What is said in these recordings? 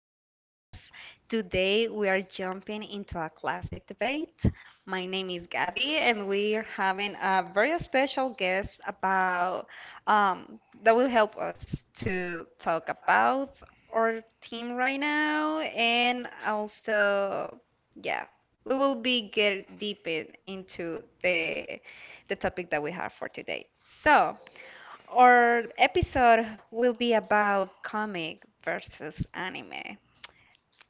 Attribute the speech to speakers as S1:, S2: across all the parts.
S1: podcast. Today we are jumping into a classic debate. My name is Gabby, and we are having a very special guest about that will help us to talk about our team right now, and also, yeah, we will be getting deep into the topic that we have for today. So, our episode will be about comic versus anime.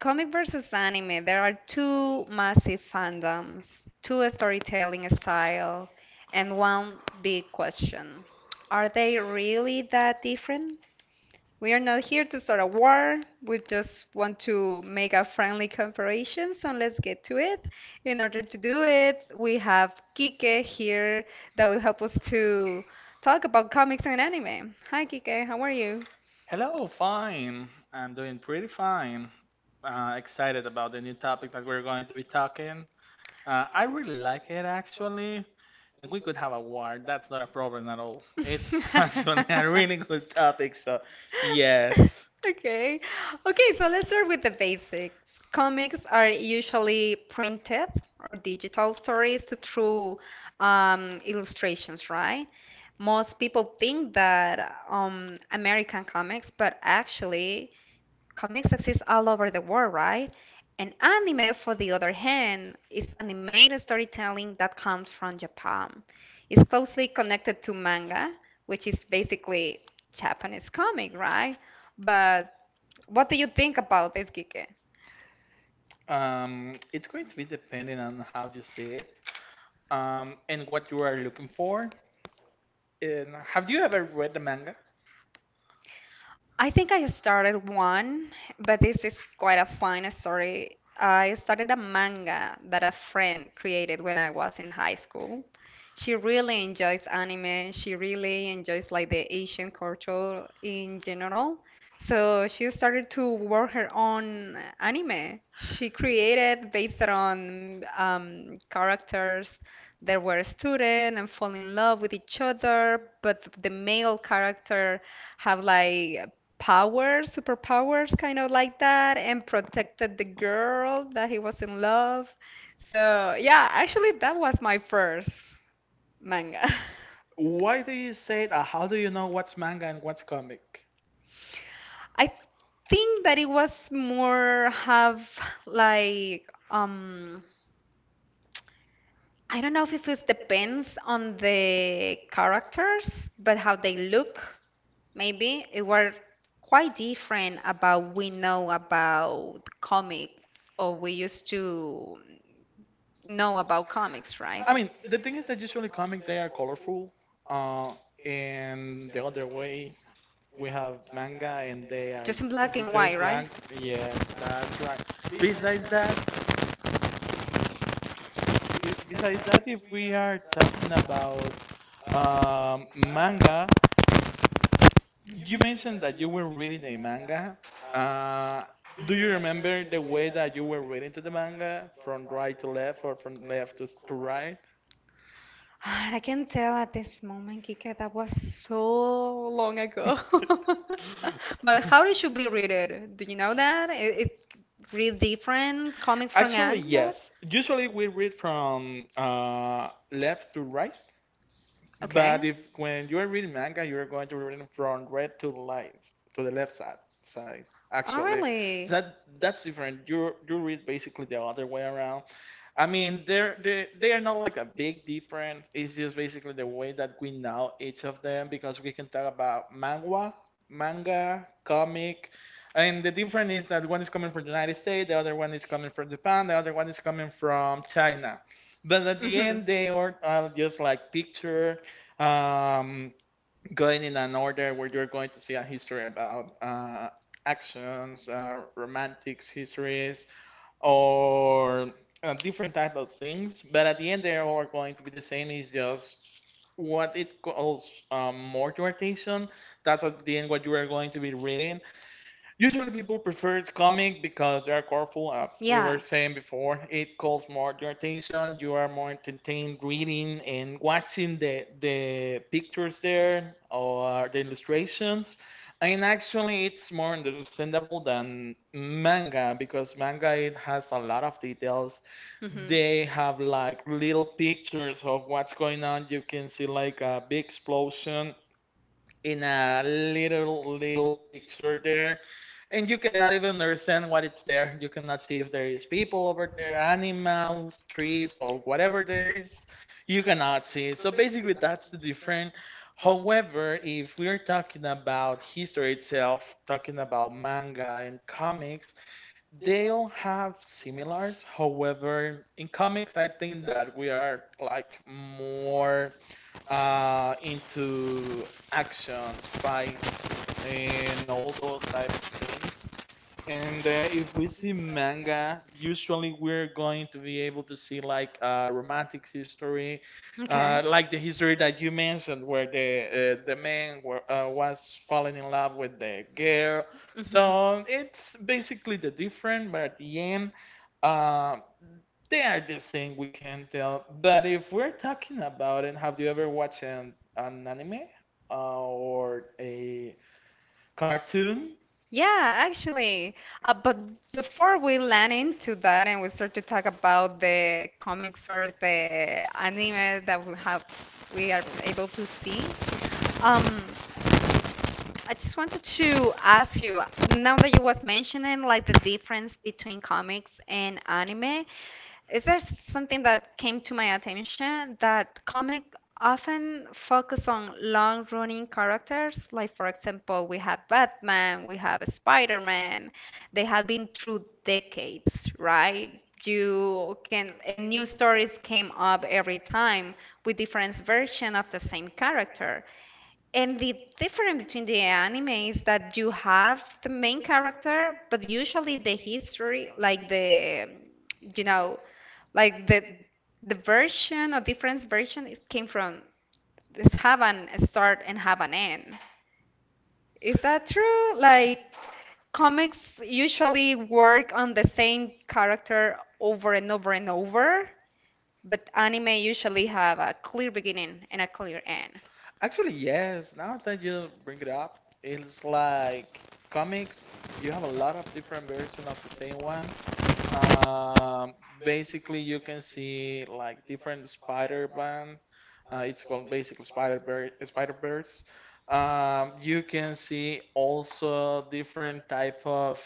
S1: Comic versus anime, there are two massive fandoms, two storytelling style, and one big question. Are they really that different? We are not here to start a war. We just want to make a friendly comparison, so let's get to it. In order to do it, we have Kike here that will help us to talk about comics and anime. Hi, Kike, how are you?
S2: Hello, fine. I'm doing pretty fine. Excited about the new topic that we're going to be talking. I really like it actually, and we could have a war. That's not a problem at all. It's actually a really good topic, so yes.
S1: Okay. Okay, so let's start with the basics. Comics are usually printed or digital stories to true illustrations, right? Most people think that American comics, but actually, comics exist all over the world, right? And anime, for the other hand, is animated storytelling that comes from Japan. It's closely connected to manga, which is basically Japanese comic, right? But what do you think about this, Kike?
S2: It's going to be depending on how you see it, and what you are looking for. And have you ever read the manga?
S1: I think I started one, but this is quite a fun story. I started a manga that a friend created when I was in high school. She really enjoys anime. She really enjoys like the Asian culture in general. So she started to work her own anime. She created based on characters that were student and fall in love with each other, but the male character have like powers, superpowers, kind of like that, and protected the girl that he was in love. So, yeah, actually, that was my first manga.
S2: Why do you say it? How do you know what's manga and what's comic?
S1: I think that it was more have like um I don't know if it depends on the characters, but how they look. Maybe it were quite different about we know about comics or we used to know about comics, right?
S2: I mean, the thing is that usually comic they are colorful. Uh, and the other way, we have manga and they are
S1: Just in black and
S2: just
S1: white, right?
S2: blank. Yes, that's right. Besides that, if we are talking about manga, you mentioned that you were reading a manga. Uh, do you remember the way that you were reading to the manga from right to left or from left to right?
S1: And I can tell at this moment, Kika, that was so long ago. But how
S2: how
S1: it should be read. Do you know that?
S2: Do
S1: It read different comic from
S2: Actually,
S1: an
S2: different. Yes. Usually we read from left to right,
S1: okay.
S2: but if when you are reading manga, you're going to read it from right to left, to the left side.
S1: Oh,
S2: Actually,
S1: really?
S2: that that's different. You read basically the other way around. I mean, they are not like a big difference. It's just basically the way that we know each of them because we can talk about manga, comic, and the difference is that one is coming from the United States, the other one is coming from Japan, the other one is coming from China. But at the
S1: Hmm.
S2: end, they are just like picture, um, going in an order where you're going to see a history about actions, romantics, histories, or different type of things. But at the end, they are all going to be the same. It's just what it calls more to attention. That's at the end what you are going to be reading. Usually people prefer comic because they are colorful. As we were
S1: Yeah.
S2: saying before, it calls more your attention. You are more entertained reading and watching the pictures there or the illustrations. And actually, it's more understandable than manga because manga it has a lot of details. They have like little pictures of what's going on. You can see like a
S1: Hmm.
S2: big explosion in a little picture there and you cannot even understand what it's there. You cannot see if there is people over there, animals, trees, or whatever there is, you cannot see it. So basically that's the difference. However, if we're talking about history itself, talking about manga and comics, they all have similars. However, in comics I think that we are like more into actions, fights, and all those type of things. And if we see manga, usually we're going to be able to see like romantic history,
S1: Okay.
S2: like the
S1: Hmm.
S2: history that you mentioned, where the man was falling in love with the girl. So it's basically the different, but at the end, uh, they are the same, we can tell. But if we're talking about it, have you ever watched an anime or a cartoon?
S1: Yeah, actually. But before we land into that and we start to talk about the comics or the anime that we are able to see, um, I just wanted to ask you, now that you was mentioning like the difference between comics and anime, is there something that came to my attention that comic often focus on long-running characters? Like, for example, we have Batman, we have Spider-Man. They have been through decades, right? You can, and new stories came up every time with different version of the same character. And the difference between the anime is that you have the main character, but usually the history, like the, you know, like the version or different version is came from this, have an start and have an end. Is that true? Like comics usually work on the same character over and over and over, but anime usually have a clear beginning and a clear end.
S2: Actually, yes. Now that you bring it up, it's like comics. You have a lot of different versions of the same one. Um, basically, you can see like different Spider-Man. It's called basically Spider-Verse. You can see also different type of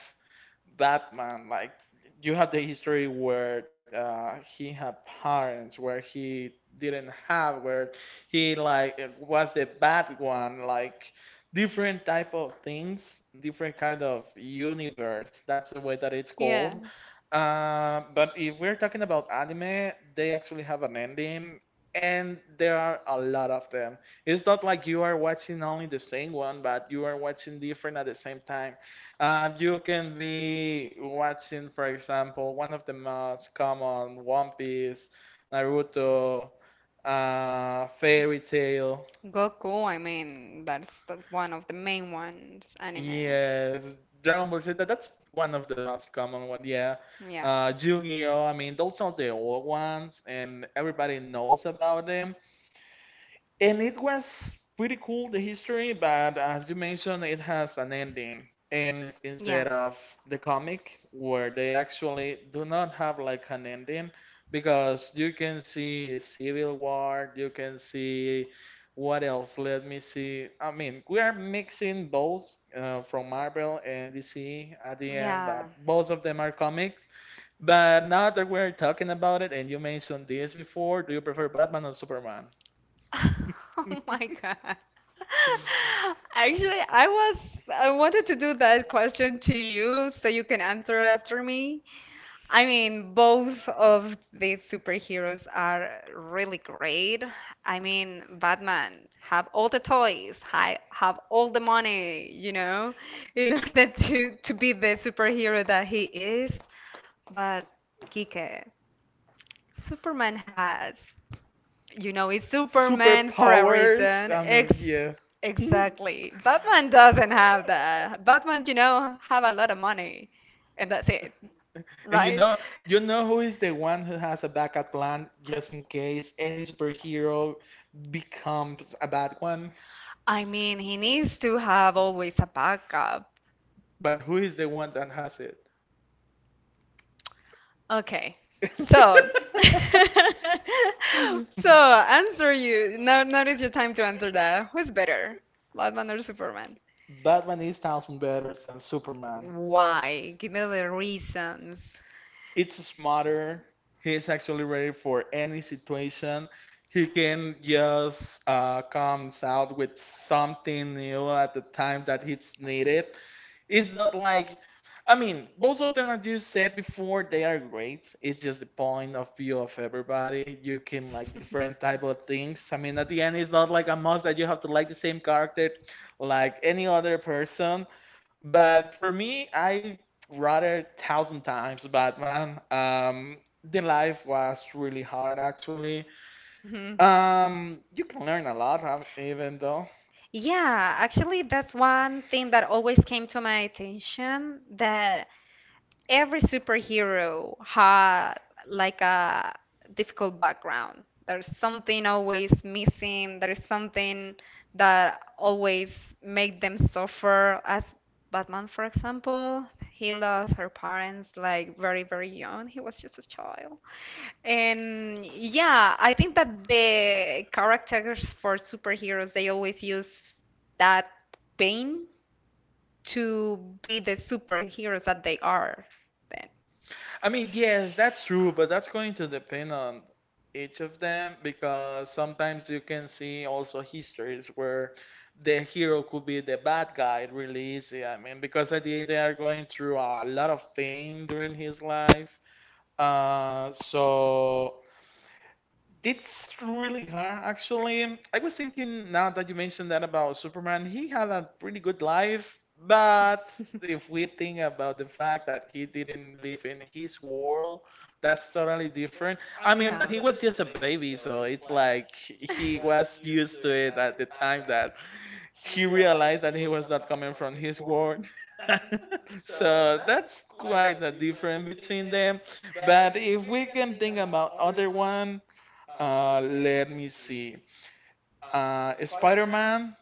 S2: Batman, like you have the history where he had parents, where he didn't have, where he like was the bad one, like different type of things, different kind of universe. That's the way that it's
S1: Yeah,
S2: called. But if we're talking about anime, they actually have an ending, and there are a lot of them. It's not like you are watching only the same one, but you are watching different at the same time. You can be watching, for example, one of the most common One Piece, Naruto, Fairy Tail.
S1: Goku, I mean, that's one of the main ones, anime.
S2: Yes, Dragon Ball Z. That's one of the most common one. Yeah,
S1: Yeah.
S2: Yu-Gi-Oh. I mean, those are the old ones, and everybody knows about them. And it was pretty cool, the history, but as you mentioned, it has an ending. And
S1: Yeah.
S2: instead of the comic, where they actually do not have like an ending, because you can see Civil War, you can see what else? Let me see. I mean, we are mixing both from Marvel and DC at the end, but both of them are comics. But now that we're talking about it, and you mentioned this before, do you prefer Batman or Superman?
S1: Oh my God. Actually, I wanted to do that question to you so you can answer after me. I mean, both of these superheroes are really great. I mean, Batman have all the toys, have all the money, in order to be the superhero that he is. But Kike, Superman has, it's Superman for a
S2: Superpowers.
S1: reason.
S2: I mean,
S1: Ex
S2: yeah. Mhm.
S1: exactly. Batman doesn't have that. Batman, have a lot of money, and that's it,
S2: And
S1: right?
S2: you know who is the one who has a backup plan just in case any superhero becomes a bad one?
S1: I mean, he needs to have always a backup.
S2: But who is the one that has it?
S1: Okay. So, so answer you. Now is your time to answer that. Who's better, Batman or Superman?
S2: Batman is thousand better than Superman.
S1: Why? Give me the reasons.
S2: It's smarter. He's actually ready for any situation. He can just comes out with something new at the time that it's needed. It's not like, I mean, both of them, as you said before, they are great. It's just the point of view of everybody. You can like different type of things. I mean, at the end, it's not like a must that you have to like the same character like any other person. But for me, I rather thousand times Batman. The life was really hard, actually.
S1: Hmm.
S2: You can learn a lot, even though.
S1: Yeah, actually, that's one thing that always came to my attention, that every superhero had like a difficult background. There's something always missing. There is something that always make them suffer. As Batman, for example, he lost her parents like very, very young. He was just a child. And yeah, I think that the characters for superheroes, they always use that pain to be the superheroes that they are.
S2: I mean, yes, that's true, but that's going to depend on each of them because sometimes you can see also histories where the hero could be the bad guy really easy. I mean, because at the end they are going through a lot of pain during his life. So it's really hard, actually. I was thinking now that you mentioned that about Superman, he had a pretty good life, but if we think about the fact that he didn't live in his world, that's totally different. I mean, but he was just a baby, so it's like he was used to it at the time that he realized that he was not coming from his world. So that's quite a difference between them. But if we can think about other one, let me see. Spider Man,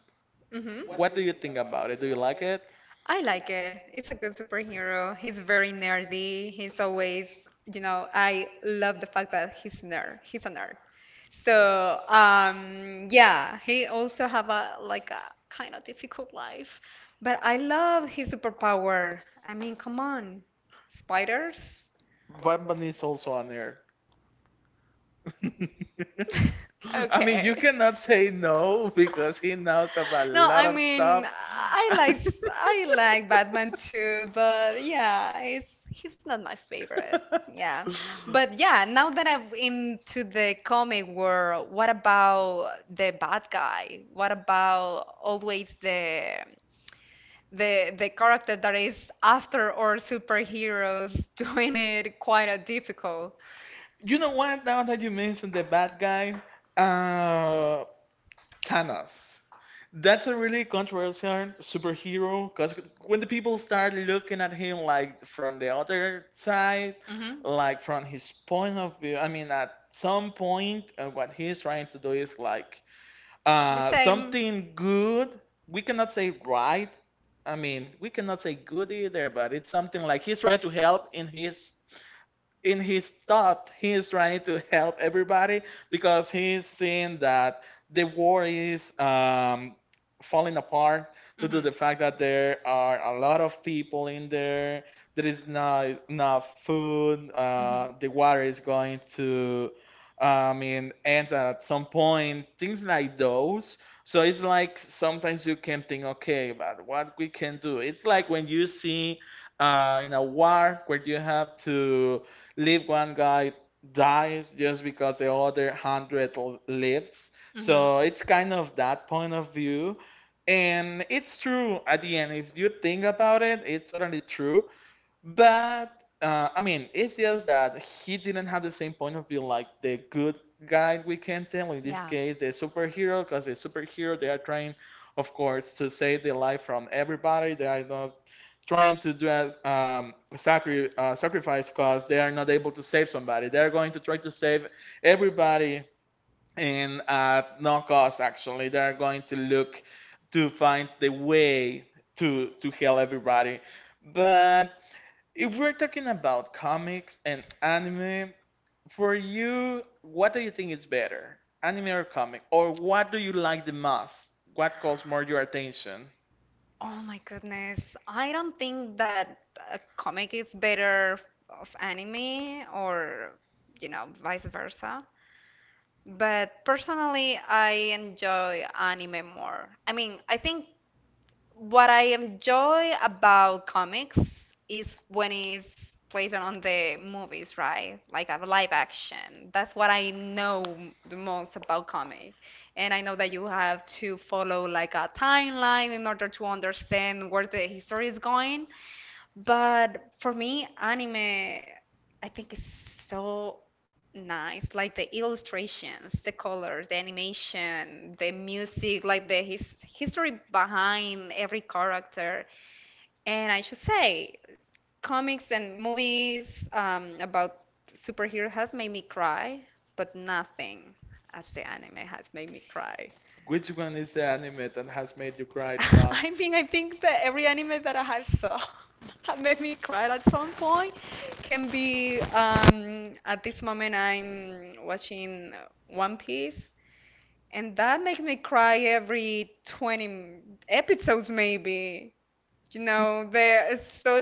S1: hmm
S2: what do you think about it? Do you like it?
S1: I like it. It's a good superhero. He's very nerdy. He's always, I love the fact that he's nerd. He's a nerd. So, yeah, he also have a like a kind of difficult life, but I love his superpower. I mean, come on, spiders.
S2: Batman is also on there. I mean, you cannot say no because he knows about a
S1: No,
S2: lot
S1: I
S2: of
S1: mean,
S2: stuff.
S1: I like I like Batman too, but yeah, he's not my favorite. Yeah, but yeah,
S2: Yeah,
S1: now that I'm into the comic world, what about the bad guy? What about always the character that is after or superheroes doing it quite a difficult?
S2: you know what? Now that you mentioned the bad guy, uh, Thanos. That's a really controversial superhero because when the people start looking at him like from the other side,
S1: Hmm.
S2: like from his point of view, I mean, at some point, what he's trying to do is like
S1: The same.
S2: something good. We cannot say right. I mean, we cannot say good either, but it's something like he's trying to help in his thought, he is trying to help everybody because he's seeing that the war is falling apart due to
S1: hmm
S2: the fact that there are a lot of people in there. There is not enough food. The water
S1: hmm
S2: is going to, I mean, end at some point. Things like those. So it's like sometimes you can think, okay, but what we can do. It's like when you see in a war where you have to leave one guy dies just because the other hundred lives.
S1: hmm
S2: So it's kind of that point of view. And it's true at the end. If you think about it, it's totally true. But I mean, it's just that he didn't have the same point of view like the good guy, we can tell, in this case the superhero, because the superhero they are trying, of course, to save the life from everybody. They are not trying to do as sacrifice because they are not able to save somebody. They are going to try to save everybody and at no cost. Actually, they are going to look to find the way to help everybody. But if we're talking about comics and anime, for you, what do you think is better, anime or comic? Or what do you like the most? What calls more your attention?
S1: Oh my goodness. I don't think that a comic is better of anime or, vice versa. But personally, I enjoy anime more. I mean, I think what I enjoy about comics is when it's played on the movies, right? Like a live action. That's what I know the most about comic. And I know that you have to follow like a timeline in order to understand where the history is going. But for me, anime, I think it's so nice. Like the illustrations, the colors, the animation, the music, like the his history behind every character. And I should say, comics and movies about superheroes have made me cry, but nothing as the anime has made me cry.
S2: Which one is the anime that has made you cry the most?
S1: I mean, I think that every anime that I have saw have made me cry at some point. Can be at this moment I'm watching One Piece, and that makes me cry every 20 episodes, maybe. You know, they're it's so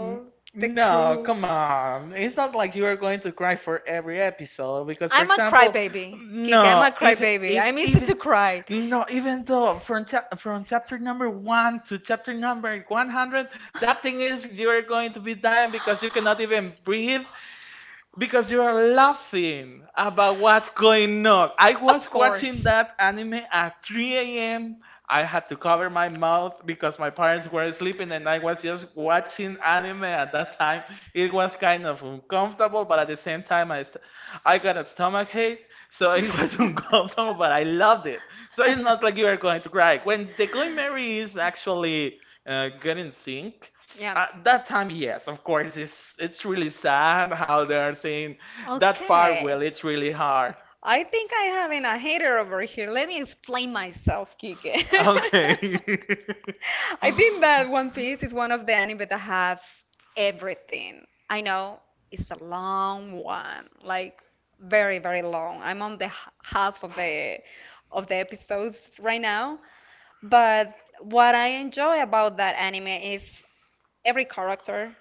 S2: N-
S1: The, no,
S2: No,
S1: crew. Come on.
S2: come on. It's not like you are going to cry for every episode because, for
S1: I'm a
S2: example,
S1: crybaby, Kika. I'm
S2: no,
S1: a, no,
S2: if
S1: crybaby.
S2: if
S1: I'm easy
S2: even
S1: to cry.
S2: no, even though from chap from chapter number one to chapter number 100, that thing is you are going to be dying because you cannot even breathe because you are laughing about
S1: About
S2: what's
S1: what's
S2: going
S1: going on?
S2: on.
S1: I
S2: I
S1: of was watching
S2: was
S1: course
S2: watching that
S1: that
S2: anime
S1: anime
S2: at
S1: at three
S2: 3
S1: a
S2: a.m.
S1: m
S2: I had to cover my mouth because my parents were sleeping and I was just watching anime at that time. It was kind of uncomfortable, but at the same time, I got a stomach ache, so it was uncomfortable, but I loved it. So it's not like you
S1: it.
S2: are going to cry. When the Going Mary is actually getting sync,
S1: Yeah,
S2: at that time, yes, of course, it's really sad how they are saying that
S1: that
S2: farewell. It's really hard.
S1: I think I have in a hater over here. Let me explain myself, Kike.
S2: Okay.
S1: I think that One Piece is one of the anime that have everything. I know it's a long one, like very, very long. I'm on the half of the episodes right now, but what I enjoy about that anime is every character,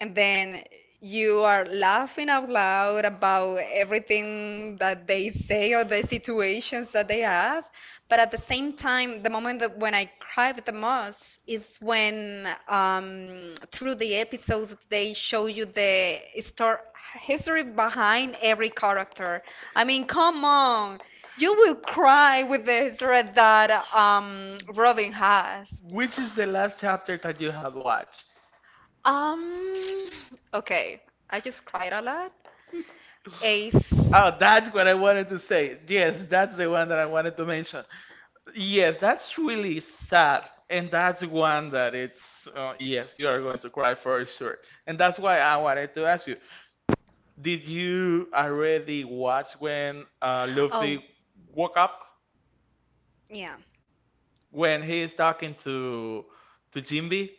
S1: and then you are laughing out loud about everything that they say or the situations that they have. But at the same time, the moment that when I cry the most is when, through the episode they show you the story history behind every character. I mean, come on, you will cry with the history that Robin has.
S2: Which is the last chapter that you have watched?
S1: Um, okay, I just cried a lot. Ace.
S2: Oh, that's what I wanted to say. Yes, that's the one that I wanted to mention. Yes, that's really sad, and that's one that it's yes, you are going to cry for sure. And that's why I wanted to ask you, did you already watch when
S1: Oh,
S2: Luffy woke up
S1: yeah.
S2: when he is talking to Jinbe?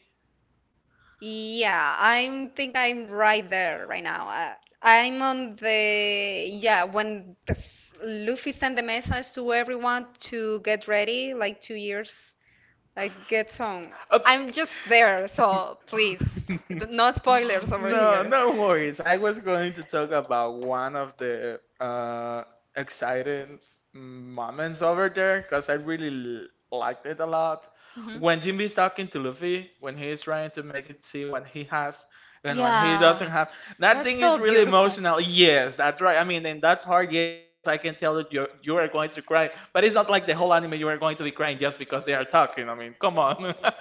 S1: Yeah, I think I'm right there right now. I'm on yeah, when Luffy sent the message to everyone to get ready, like 2 years, like get some.
S2: Uh,
S1: I'm just there,
S2: Please.
S1: so please, no spoilers over
S2: No, anything.
S1: here.
S2: No worries. I was going to talk about one of the exciting moments over there because I really liked it a lot.
S1: Hmm.
S2: When Jimby's talking to Luffy, when he's trying to make it see what he has and what he doesn't
S1: Yeah,
S2: have, that
S1: that's
S2: thing is
S1: so
S2: so
S1: makes
S2: really beautiful.
S1: beautiful.
S2: Emotional. Yes, that's right. I mean, in that part, yes, I can tell that you are going to cry, but it's not like the whole anime you are going to be crying just because they are talking. I mean, come on.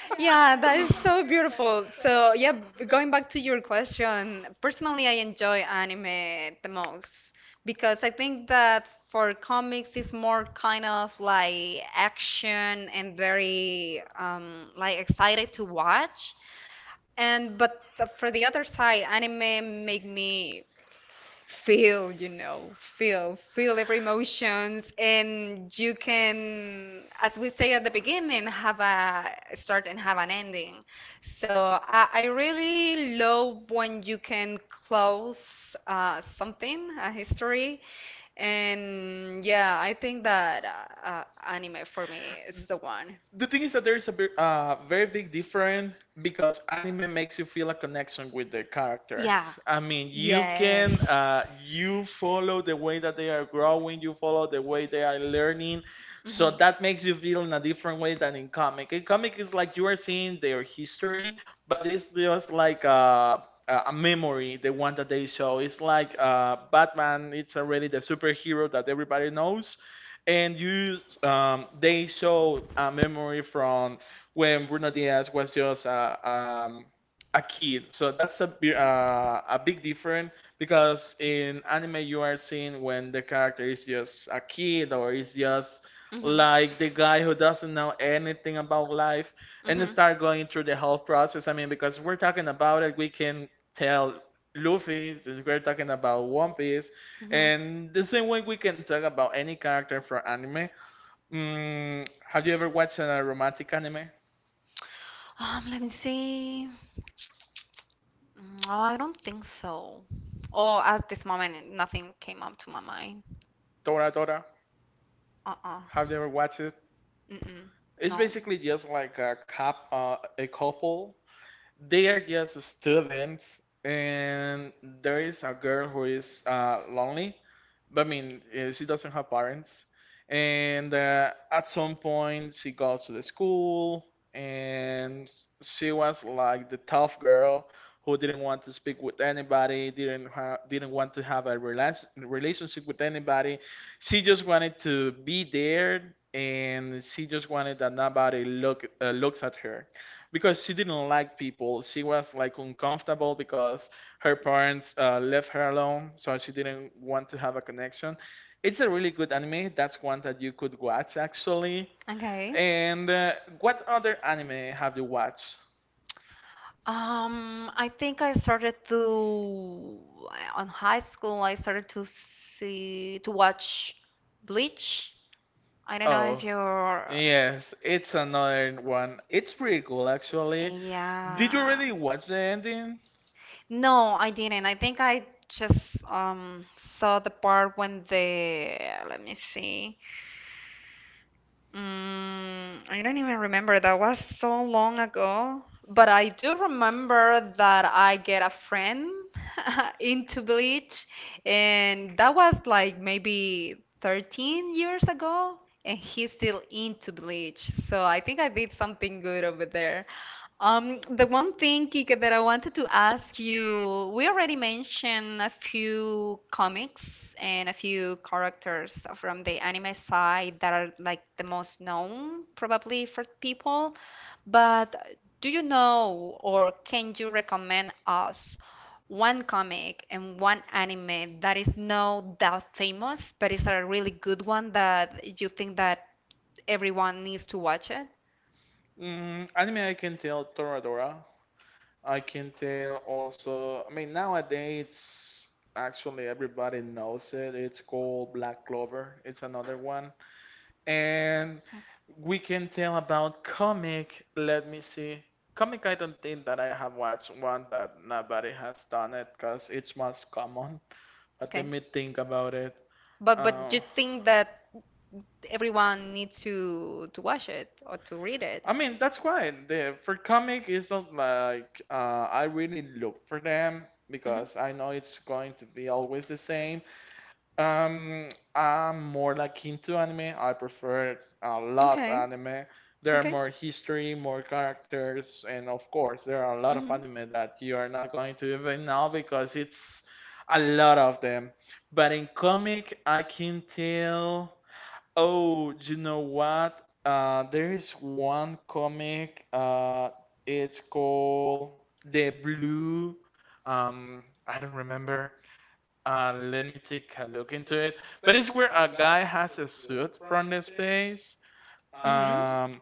S1: Yeah, that is so beautiful. So, yeah, going back to your question, personally, I enjoy anime the most because I think that for comics, it's more kind of like action and very like excited to watch. And but for the other side, anime make me feel, feel every emotions, and you can, as we say at the beginning, have a start and have an ending. So I really love when you can close something, a history, and yeah, I think that anime for me is the one.
S2: The thing is that there is a big, very big difference because anime makes you feel a connection with the characters.
S1: Yeah.
S2: Yeah. I mean, you can
S1: Yes.
S2: you follow the way that they are growing, you follow the way they are learning, so
S1: Mhm.
S2: that makes you feel in a different way than in comic. In comic, it's like you are seeing their history, but it's just like a memory, the one that they show. It's like Batman. It's already the superhero that everybody knows, and you, they show a memory from when Bruno Diaz was just a kid. So that's a a big difference because in anime you are seeing when the character is just a kid or is just
S1: Mhm.
S2: like the guy who doesn't know anything about life and
S1: Mhm.
S2: start going through the whole process. I mean, because we're talking about it, we can tell Luffy, since we're talking about One Piece,
S1: Mhm.
S2: and the same way we can talk about any character from anime. Mm, have you ever watched a romantic anime?
S1: Let me see. Oh, I don't think so. Or at this moment, nothing came up to my mind.
S2: Dora Dora.
S1: Uh-uh.
S2: Have you ever watched it?
S1: Mm-mm.
S2: It's basically just like a a couple. They are just students, and there is a girl who is lonely. But I mean, she doesn't have parents, and at some point she goes to the school, and she was like the tough girl who didn't want to speak with anybody, didn't want to have a relationship with anybody. She just wanted to be there, and she just wanted that nobody looks at her, because she didn't like people. She was like uncomfortable because her parents left her alone, so she didn't want to have a connection. It's a really good anime. That's one that you could watch actually.
S1: Okay.
S2: And what other anime have you watched?
S1: I think I started to on high school. I started to watch Bleach. I don't know
S2: Oh,
S1: if you're.
S2: yes, it's another one. It's pretty cool actually. Did you
S1: Yeah.
S2: already watch the ending?
S1: No, I didn't. I think I just saw the part when the let me see. I don't even remember. That was so long ago. But I do remember that I get a friend into Bleach, and that was like maybe 13 years ago, and he's still into Bleach. So I think I did something good over there. The one thing, Kika, that I wanted to ask you, we already mentioned a few comics and a few characters from the anime side that are like the most known probably for people, but do you know or can you recommend us one comic and one anime that is not that famous, but is a really good one that you think that everyone needs to watch it?
S2: Mm, anime, I can tell Toradora. I can tell also. I mean, nowadays, actually, everybody knows it. It's called Black Clover. It's another one. And we can tell about comic. Let me see. Comic, I don't think that I have watched one that nobody has done it because it's most common. But let
S1: Okay.
S2: me think about it.
S1: But
S2: Uh,
S1: you think that everyone needs to watch it or to read it?
S2: I mean, that's why the for comic it's not like I really look for them
S1: Mhm.
S2: because I know it's going to be always the same. Um, I'm more like into anime. I prefer a lot
S1: Okay.
S2: anime. There are
S1: Okay. Mhm.
S2: more history, more characters, and of course, there are a lot of anime that you are not going to even know because it's a lot of them. But in comic, I can tell. Oh, you know what? There is one comic. It's called The Blue. Um, I don't remember. Let me take a look into it. But it's where a guy has a suit from the space,
S1: Mhm.
S2: um,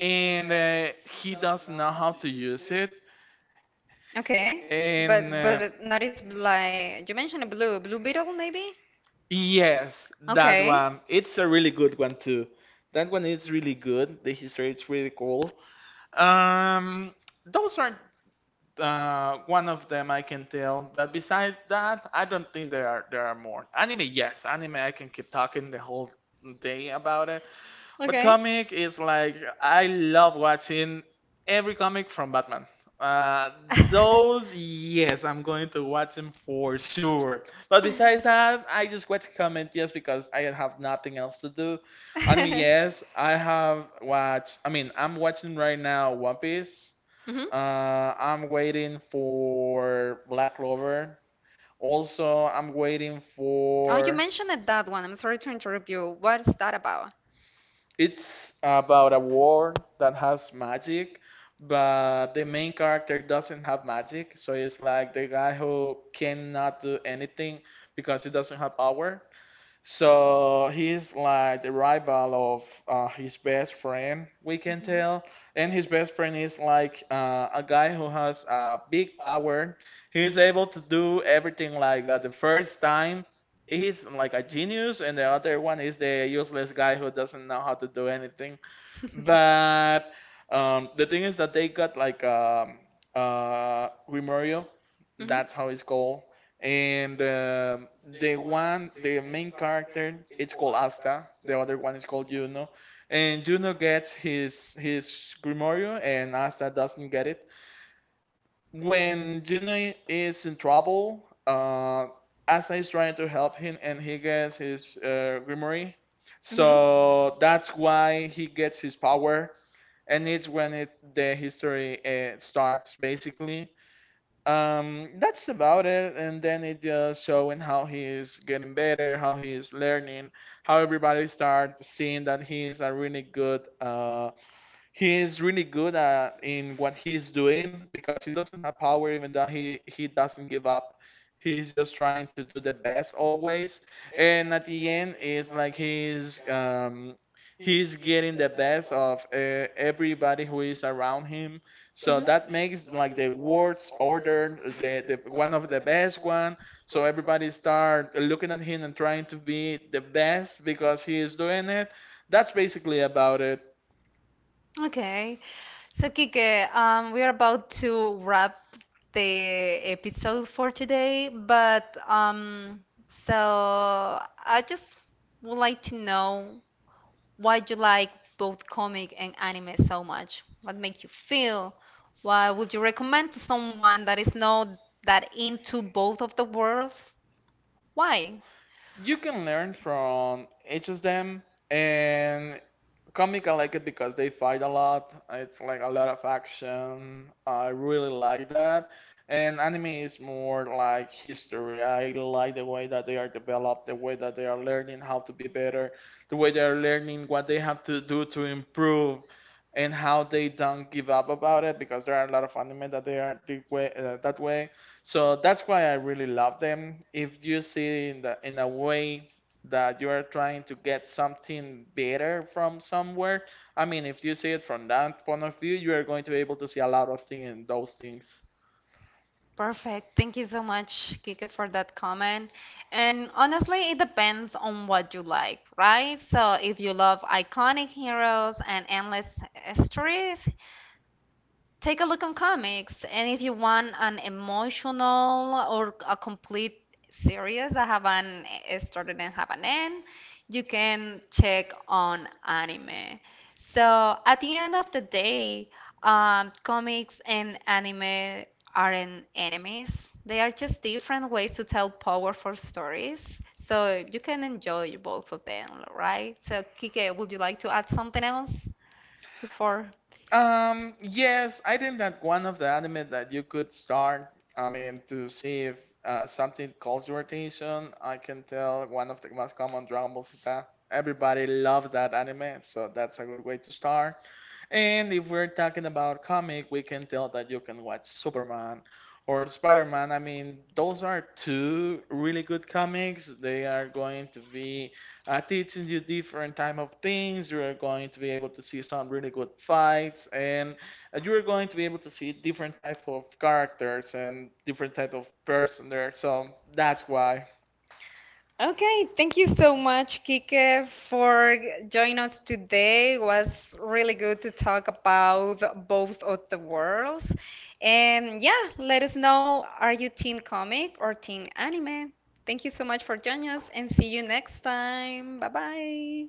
S2: and he does not know how to use it.
S1: Okay.
S2: And
S1: But but not is like you
S2: dimension
S1: mentioned
S2: of
S1: Blue Beetle maybe?
S2: yes, that
S1: Okay.
S2: one. It's a really good one too. That one is really good. The history is really cool. Um, those are one of them I can tell, but besides that, I don't think there are more. Anime, yes, anime I can keep talking the whole day about it. But
S1: Okay.
S2: comic is like I love watching every comic from Batman. Uh, those, yes, I'm going to watch them for sure. But besides that, I just watch comic just because I have nothing else to do. Anime,
S1: I
S2: yes, I have watched. I mean, I'm watching right now One Piece.
S1: Mhm.
S2: Uh, I'm waiting for Black Clover. Also, I'm waiting for.
S1: mentioned it, that one. I'm sorry to interrupt you. What is that about?
S2: It's about a world that has magic, but the main character doesn't have magic, so it's like the guy who cannot do anything because he doesn't have power. So he's like the rival of his best friend, we can tell. And his best friend is like a guy who has big power. He's able to do everything like at the first time. He's like a genius, and the other one is the useless guy who doesn't know how to do anything.
S1: Hmm.
S2: But the thing is that they got like Grimorio, that's how it's called. And the one, the main character, it's called Asta. The other one is called Juno. And Juno gets his Grimorio, and Asta doesn't get it. When Juno is in trouble, Asta is trying to help him, and he gets his Grimory. So that's why he gets his power and it's when it the history starts basically. That's about it, and then it just showing how he is getting better, how he is learning, how everybody starts seeing that he is a really good he is really good at in what he's doing because he doesn't have power, even though he doesn't give up. He's just trying to do the best always, and at the end, it's like he's getting the best of everybody who is around him. So
S1: Hmm.
S2: that makes like the words order the one of the best one. So everybody start looking at him and trying to be the best because he is doing it. That's basically about it.
S1: Okay, so Kike, we are about to wrap the episode for today, but so I just would like to know why you like both comic and anime so much. What makes you feel? Why would you recommend to someone that is not that into both of the worlds? Why?
S2: You can learn from each of them, and comic I like it because they fight a lot. It's like a lot of action. I really like that. And anime is more like history. I like the way that they are developed, the way that they are learning how to be better, the way they are learning what they have to do to improve, and how they don't give up about it, because there are a lot of anime that they are the way, that way. So that's why I really love them. If you see in the in a way that you are trying to get something better from somewhere, I mean, if you see it from that point of view, you are going to be able to see a lot of things in those things.
S1: Perfect. Thank you so much, Kika, for that comment. And honestly, it depends on what you like, right? So if you love iconic heroes and endless stories, take a look on comics, and if you want an emotional or a complete series that have an a start and have an end, you can check on anime. So at the end of the day, comics and anime aren't enemies, they are just different ways to tell powerful stories, so you can enjoy both of them, right? So Kike, would you like to add something else before.
S2: Yes, I think that one of the anime that you could start, I mean, to see if something calls your attention, I can tell one of the most common Dragon Ball Z. Everybody loves that anime, so that's a good way to start. And if we're talking about comic, we can tell that you can watch Superman or Spider-Man. I mean, those are two really good comics. They are going to be teaching you different type of things. You are going to be able to see some really good fights, and you are going to be able to see different type of characters and different type of person there. So that's why.
S1: Okay, thank you so much, Kike, for joining us today. It was really good to talk about both of the worlds. And yeah, let us know, are you team comic or team anime? Thank you so much for joining us and see you next time. Bye bye.